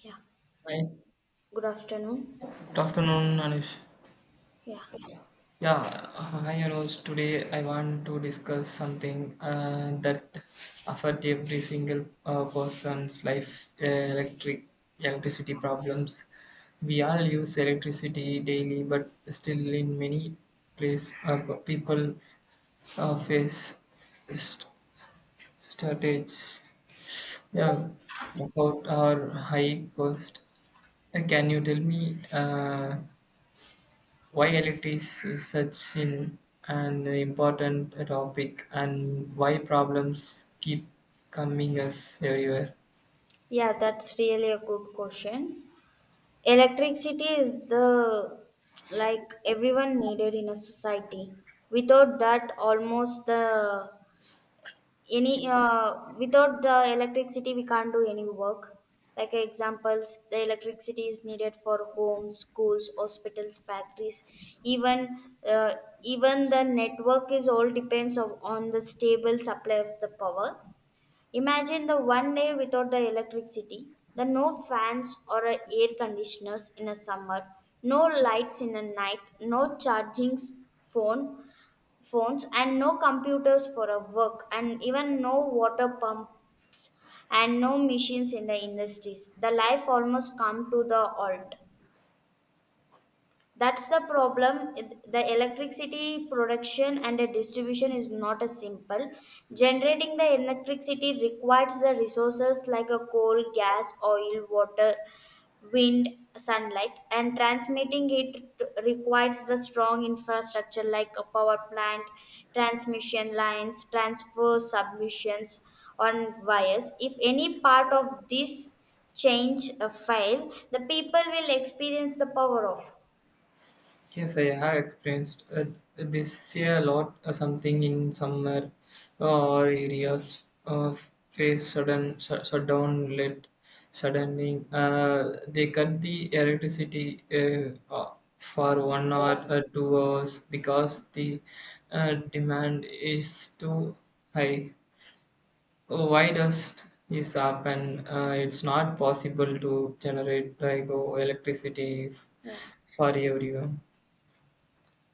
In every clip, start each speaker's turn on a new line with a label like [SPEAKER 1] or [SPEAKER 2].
[SPEAKER 1] Yeah,
[SPEAKER 2] Hi.
[SPEAKER 1] good afternoon.
[SPEAKER 2] Good afternoon, Anush.
[SPEAKER 1] Yeah,
[SPEAKER 2] Yeah, hi Anush. Today I want to discuss something that affect every single person's life: electricity problems. We all use electricity daily, but still, in many places, people face st- shortage. Yeah, about our high cost. Can you tell me? Why electricity is such an important topic and why problems keep coming us everywhere.
[SPEAKER 1] yeah, that's really a good question. Electricity is the like everyone needed in a society. Without that, almost the any without the electricity, we can't do any work. Like examples, the electricity is needed for homes, schools, hospitals, factories. Even even the network is all depends of, on the stable supply of the power. Imagine the one day without the electricity, the no fans or a air conditioners in a summer, no lights in the night, no charging phone phones and no computers for a work and even no water pumps and no machines in the industries. The life almost come to the halt. That's the problem. The electricity production and the distribution is not as simple. Generating the electricity requires the resources like a coal, gas, oil, water, wind, sunlight, and transmitting it requires the strong infrastructure like a power plant, transmission lines, transfer submissions on wires. If any part of this change fail, the people will experience the power off.
[SPEAKER 2] Yes, I have experienced this a lot, something in summer or areas face sudden shutdown led suddenly, they cut the electricity for 1 hour or 2 hours because the demand is too high. Oh, why does this happen? It's not possible to generate like, oh, electricity
[SPEAKER 1] Yeah.
[SPEAKER 2] for everyone.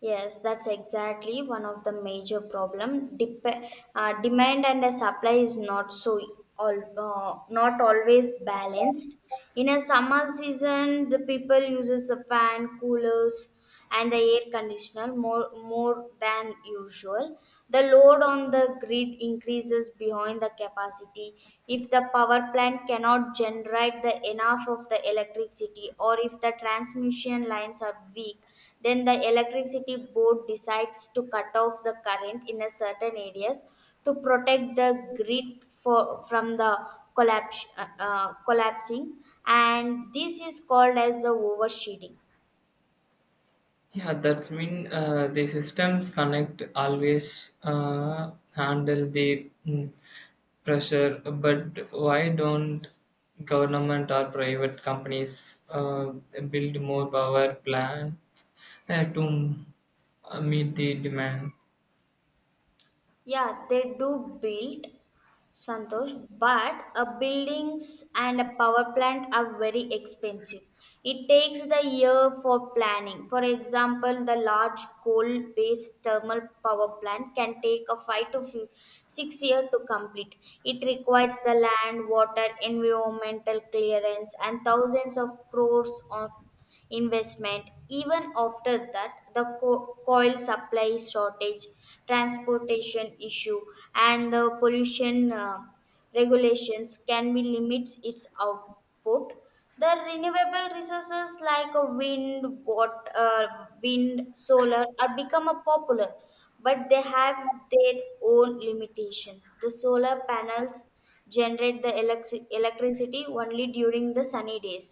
[SPEAKER 1] Yes, that's exactly one of the major problem. Demand and the supply is not so all not always balanced. In a summer season, the people uses a fan, coolers, and the air conditioner more than usual. The load on the grid increases behind the capacity electricity if the power plant cannot generate the enough of the electricity, or if the transmission lines are weak, then the electricity board decides to cut off the current in a certain areas to protect the grid from the collapsing, and this is called as the oversheeting.
[SPEAKER 2] Yeah, that's mean the systems connect always handle the pressure, but why don't government or private companies build more power plants, to meet the demand?
[SPEAKER 1] Yeah, they do build, Santosh, but a buildings and a power plant are very expensive. It takes the year for planning. For example, the large coal-based thermal power plant can take a 6 year to complete. It requires the land, water, environmental clearance, and thousands of crores of investment. Even after that, the coil supply shortage, transportation issue, and the pollution regulations can be limits its output. The renewable resources like a wind, water, wind solar are become a popular, but they have their own limitations. The solar panels generate the electricity only during the sunny days,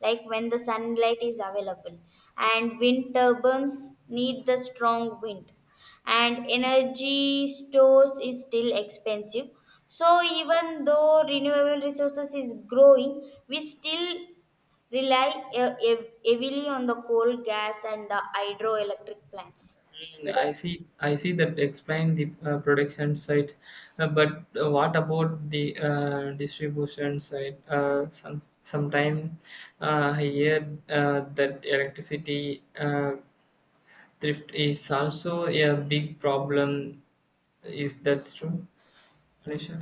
[SPEAKER 1] like when the sunlight is available, and wind turbines need the strong wind, and energy stores is still expensive. So even though renewable resources is growing, we still rely uh, heavily on the coal, gas, and the hydroelectric plants.
[SPEAKER 2] I see. I see that explain the production side, but what about the distribution side? Sometime I hear that electricity thrift is also a big problem. Is that true, Anisha?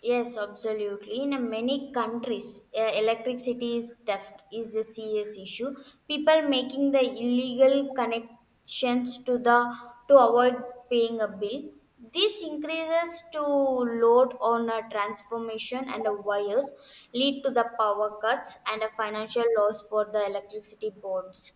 [SPEAKER 1] Yes, absolutely. In a many countries, electricity is theft is a serious issue. People making the illegal connections to the to avoid paying a bill. This increases to load on a transformation and a wires, lead to the power cuts and a financial loss for the electricity boards.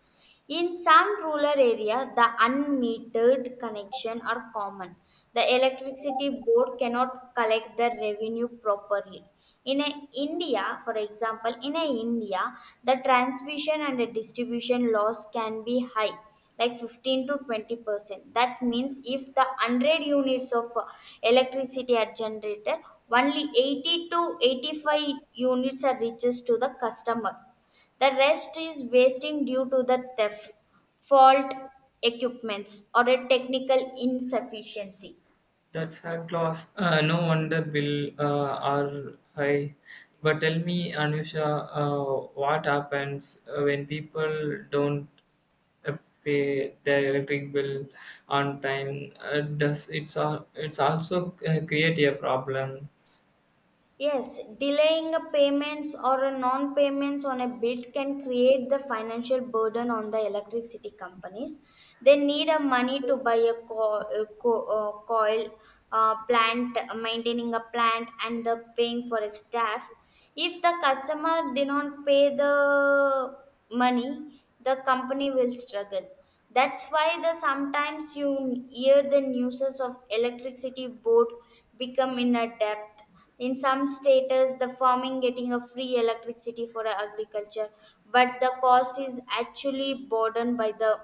[SPEAKER 1] In some rural areas, the unmetered connection are common. The electricity board cannot collect the revenue properly. In a India, for example, in a India, the transmission and the distribution loss can be high, like 15 to 20%. That means if the 100 units of electricity are generated, only 80 to 85 units are reaches to the customer, the rest is wasting due to the theft, fault equipments, or a technical insufficiency.
[SPEAKER 2] That's a class. No wonder bill are high. But tell me, Anusha, what happens when people don't uh, pay their electric bill on time? Does it's also create a problem?
[SPEAKER 1] Yes, delaying a payments or a non-payments on a bill can create the financial burden on the electricity companies. They need a money to buy a coil plant, maintaining a plant, and the paying for a staff. If the customer did not pay the money, the company will struggle. That's why the sometimes you hear the news of electricity board become in a debt. In some states, the farming getting a free electricity for agriculture, but the cost is actually borne by the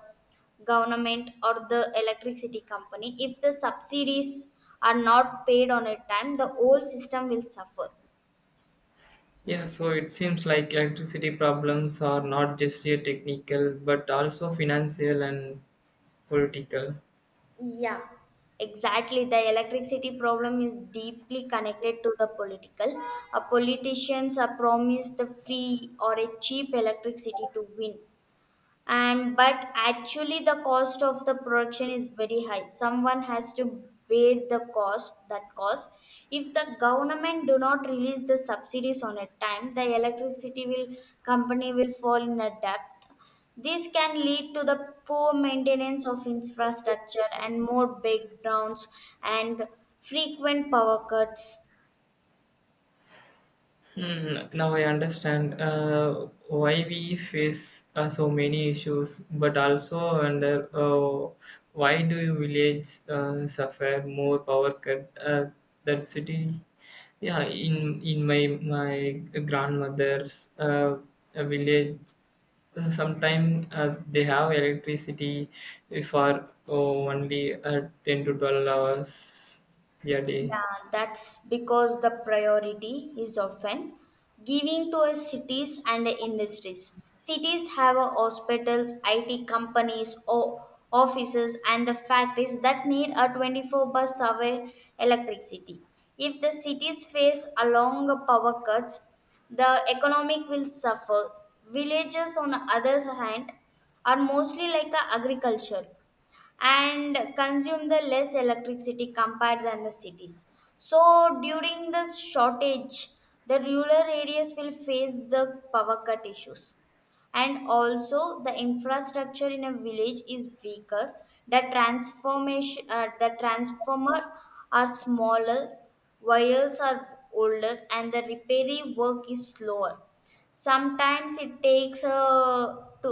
[SPEAKER 1] government or the electricity company. If the subsidies are not paid on a time, the whole system will suffer.
[SPEAKER 2] Yeah, so it seems like electricity problems are not just a technical but also financial and political.
[SPEAKER 1] Yeah. Exactly, the electricity problem is deeply connected to the political. Politicians are promised the free or a cheap electricity to win, and but actually the cost of the production is very high. Someone has to bear the cost that cost. If the government do not release the subsidies on a time, the electricity will company will fall in a debt. This can lead to the poor maintenance of infrastructure and more breakdowns and frequent power cuts.
[SPEAKER 2] Mm, now I understand why we face so many issues, but also wonder why do villages suffer more power cut than city? Yeah, in my grandmother's village, sometimes they have electricity for, oh, only 10 to 12 hours a day.
[SPEAKER 1] Yeah, that's because the priority is often giving to a cities and industries. Cities have a hospitals, IT companies, or offices, and the factories that need a 24 by 7 electricity. If the cities face a long power cuts, the economic will suffer. Villages, on the other hand, are mostly like a agriculture and consume the less electricity compared than the cities, so during the shortage the rural areas will face the power cut issues. And also the infrastructure in a village is weaker, the transformation the transformer are smaller, wires are older, and the repairing work is slower. Sometimes it takes to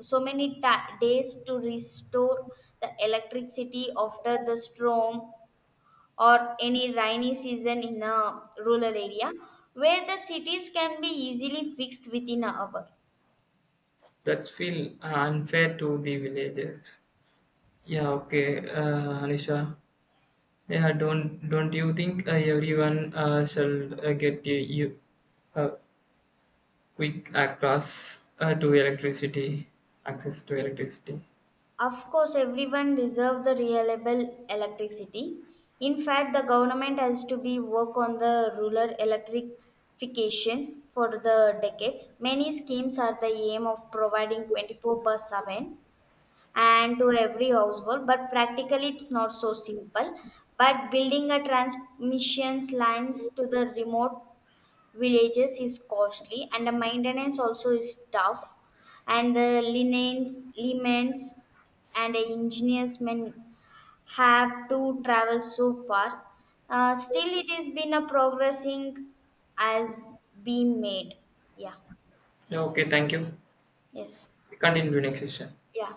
[SPEAKER 1] so many ta- days to restore the electricity after the storm or any rainy season in a rural area, where the cities can be easily fixed within an hour.
[SPEAKER 2] That's feel unfair to the villagers. Yeah, okay, Anisha. Yeah, don't you think everyone shall get a, you a quick access to electricity?
[SPEAKER 1] Of course everyone deserve the reliable electricity. In fact, the government has to be work on the rural electrification for the decades. Many schemes are the aim of providing 24 by 7 and to every household, but practically it's not so simple. But building a transmission lines to the remote villages is costly and the maintenance also is tough, and the linens limits, and the engineers men have to travel so far. Still it has been a progressing as being made. Yeah.
[SPEAKER 2] Yeah, okay, thank you.
[SPEAKER 1] Yes.
[SPEAKER 2] Continue next session.
[SPEAKER 1] Yeah.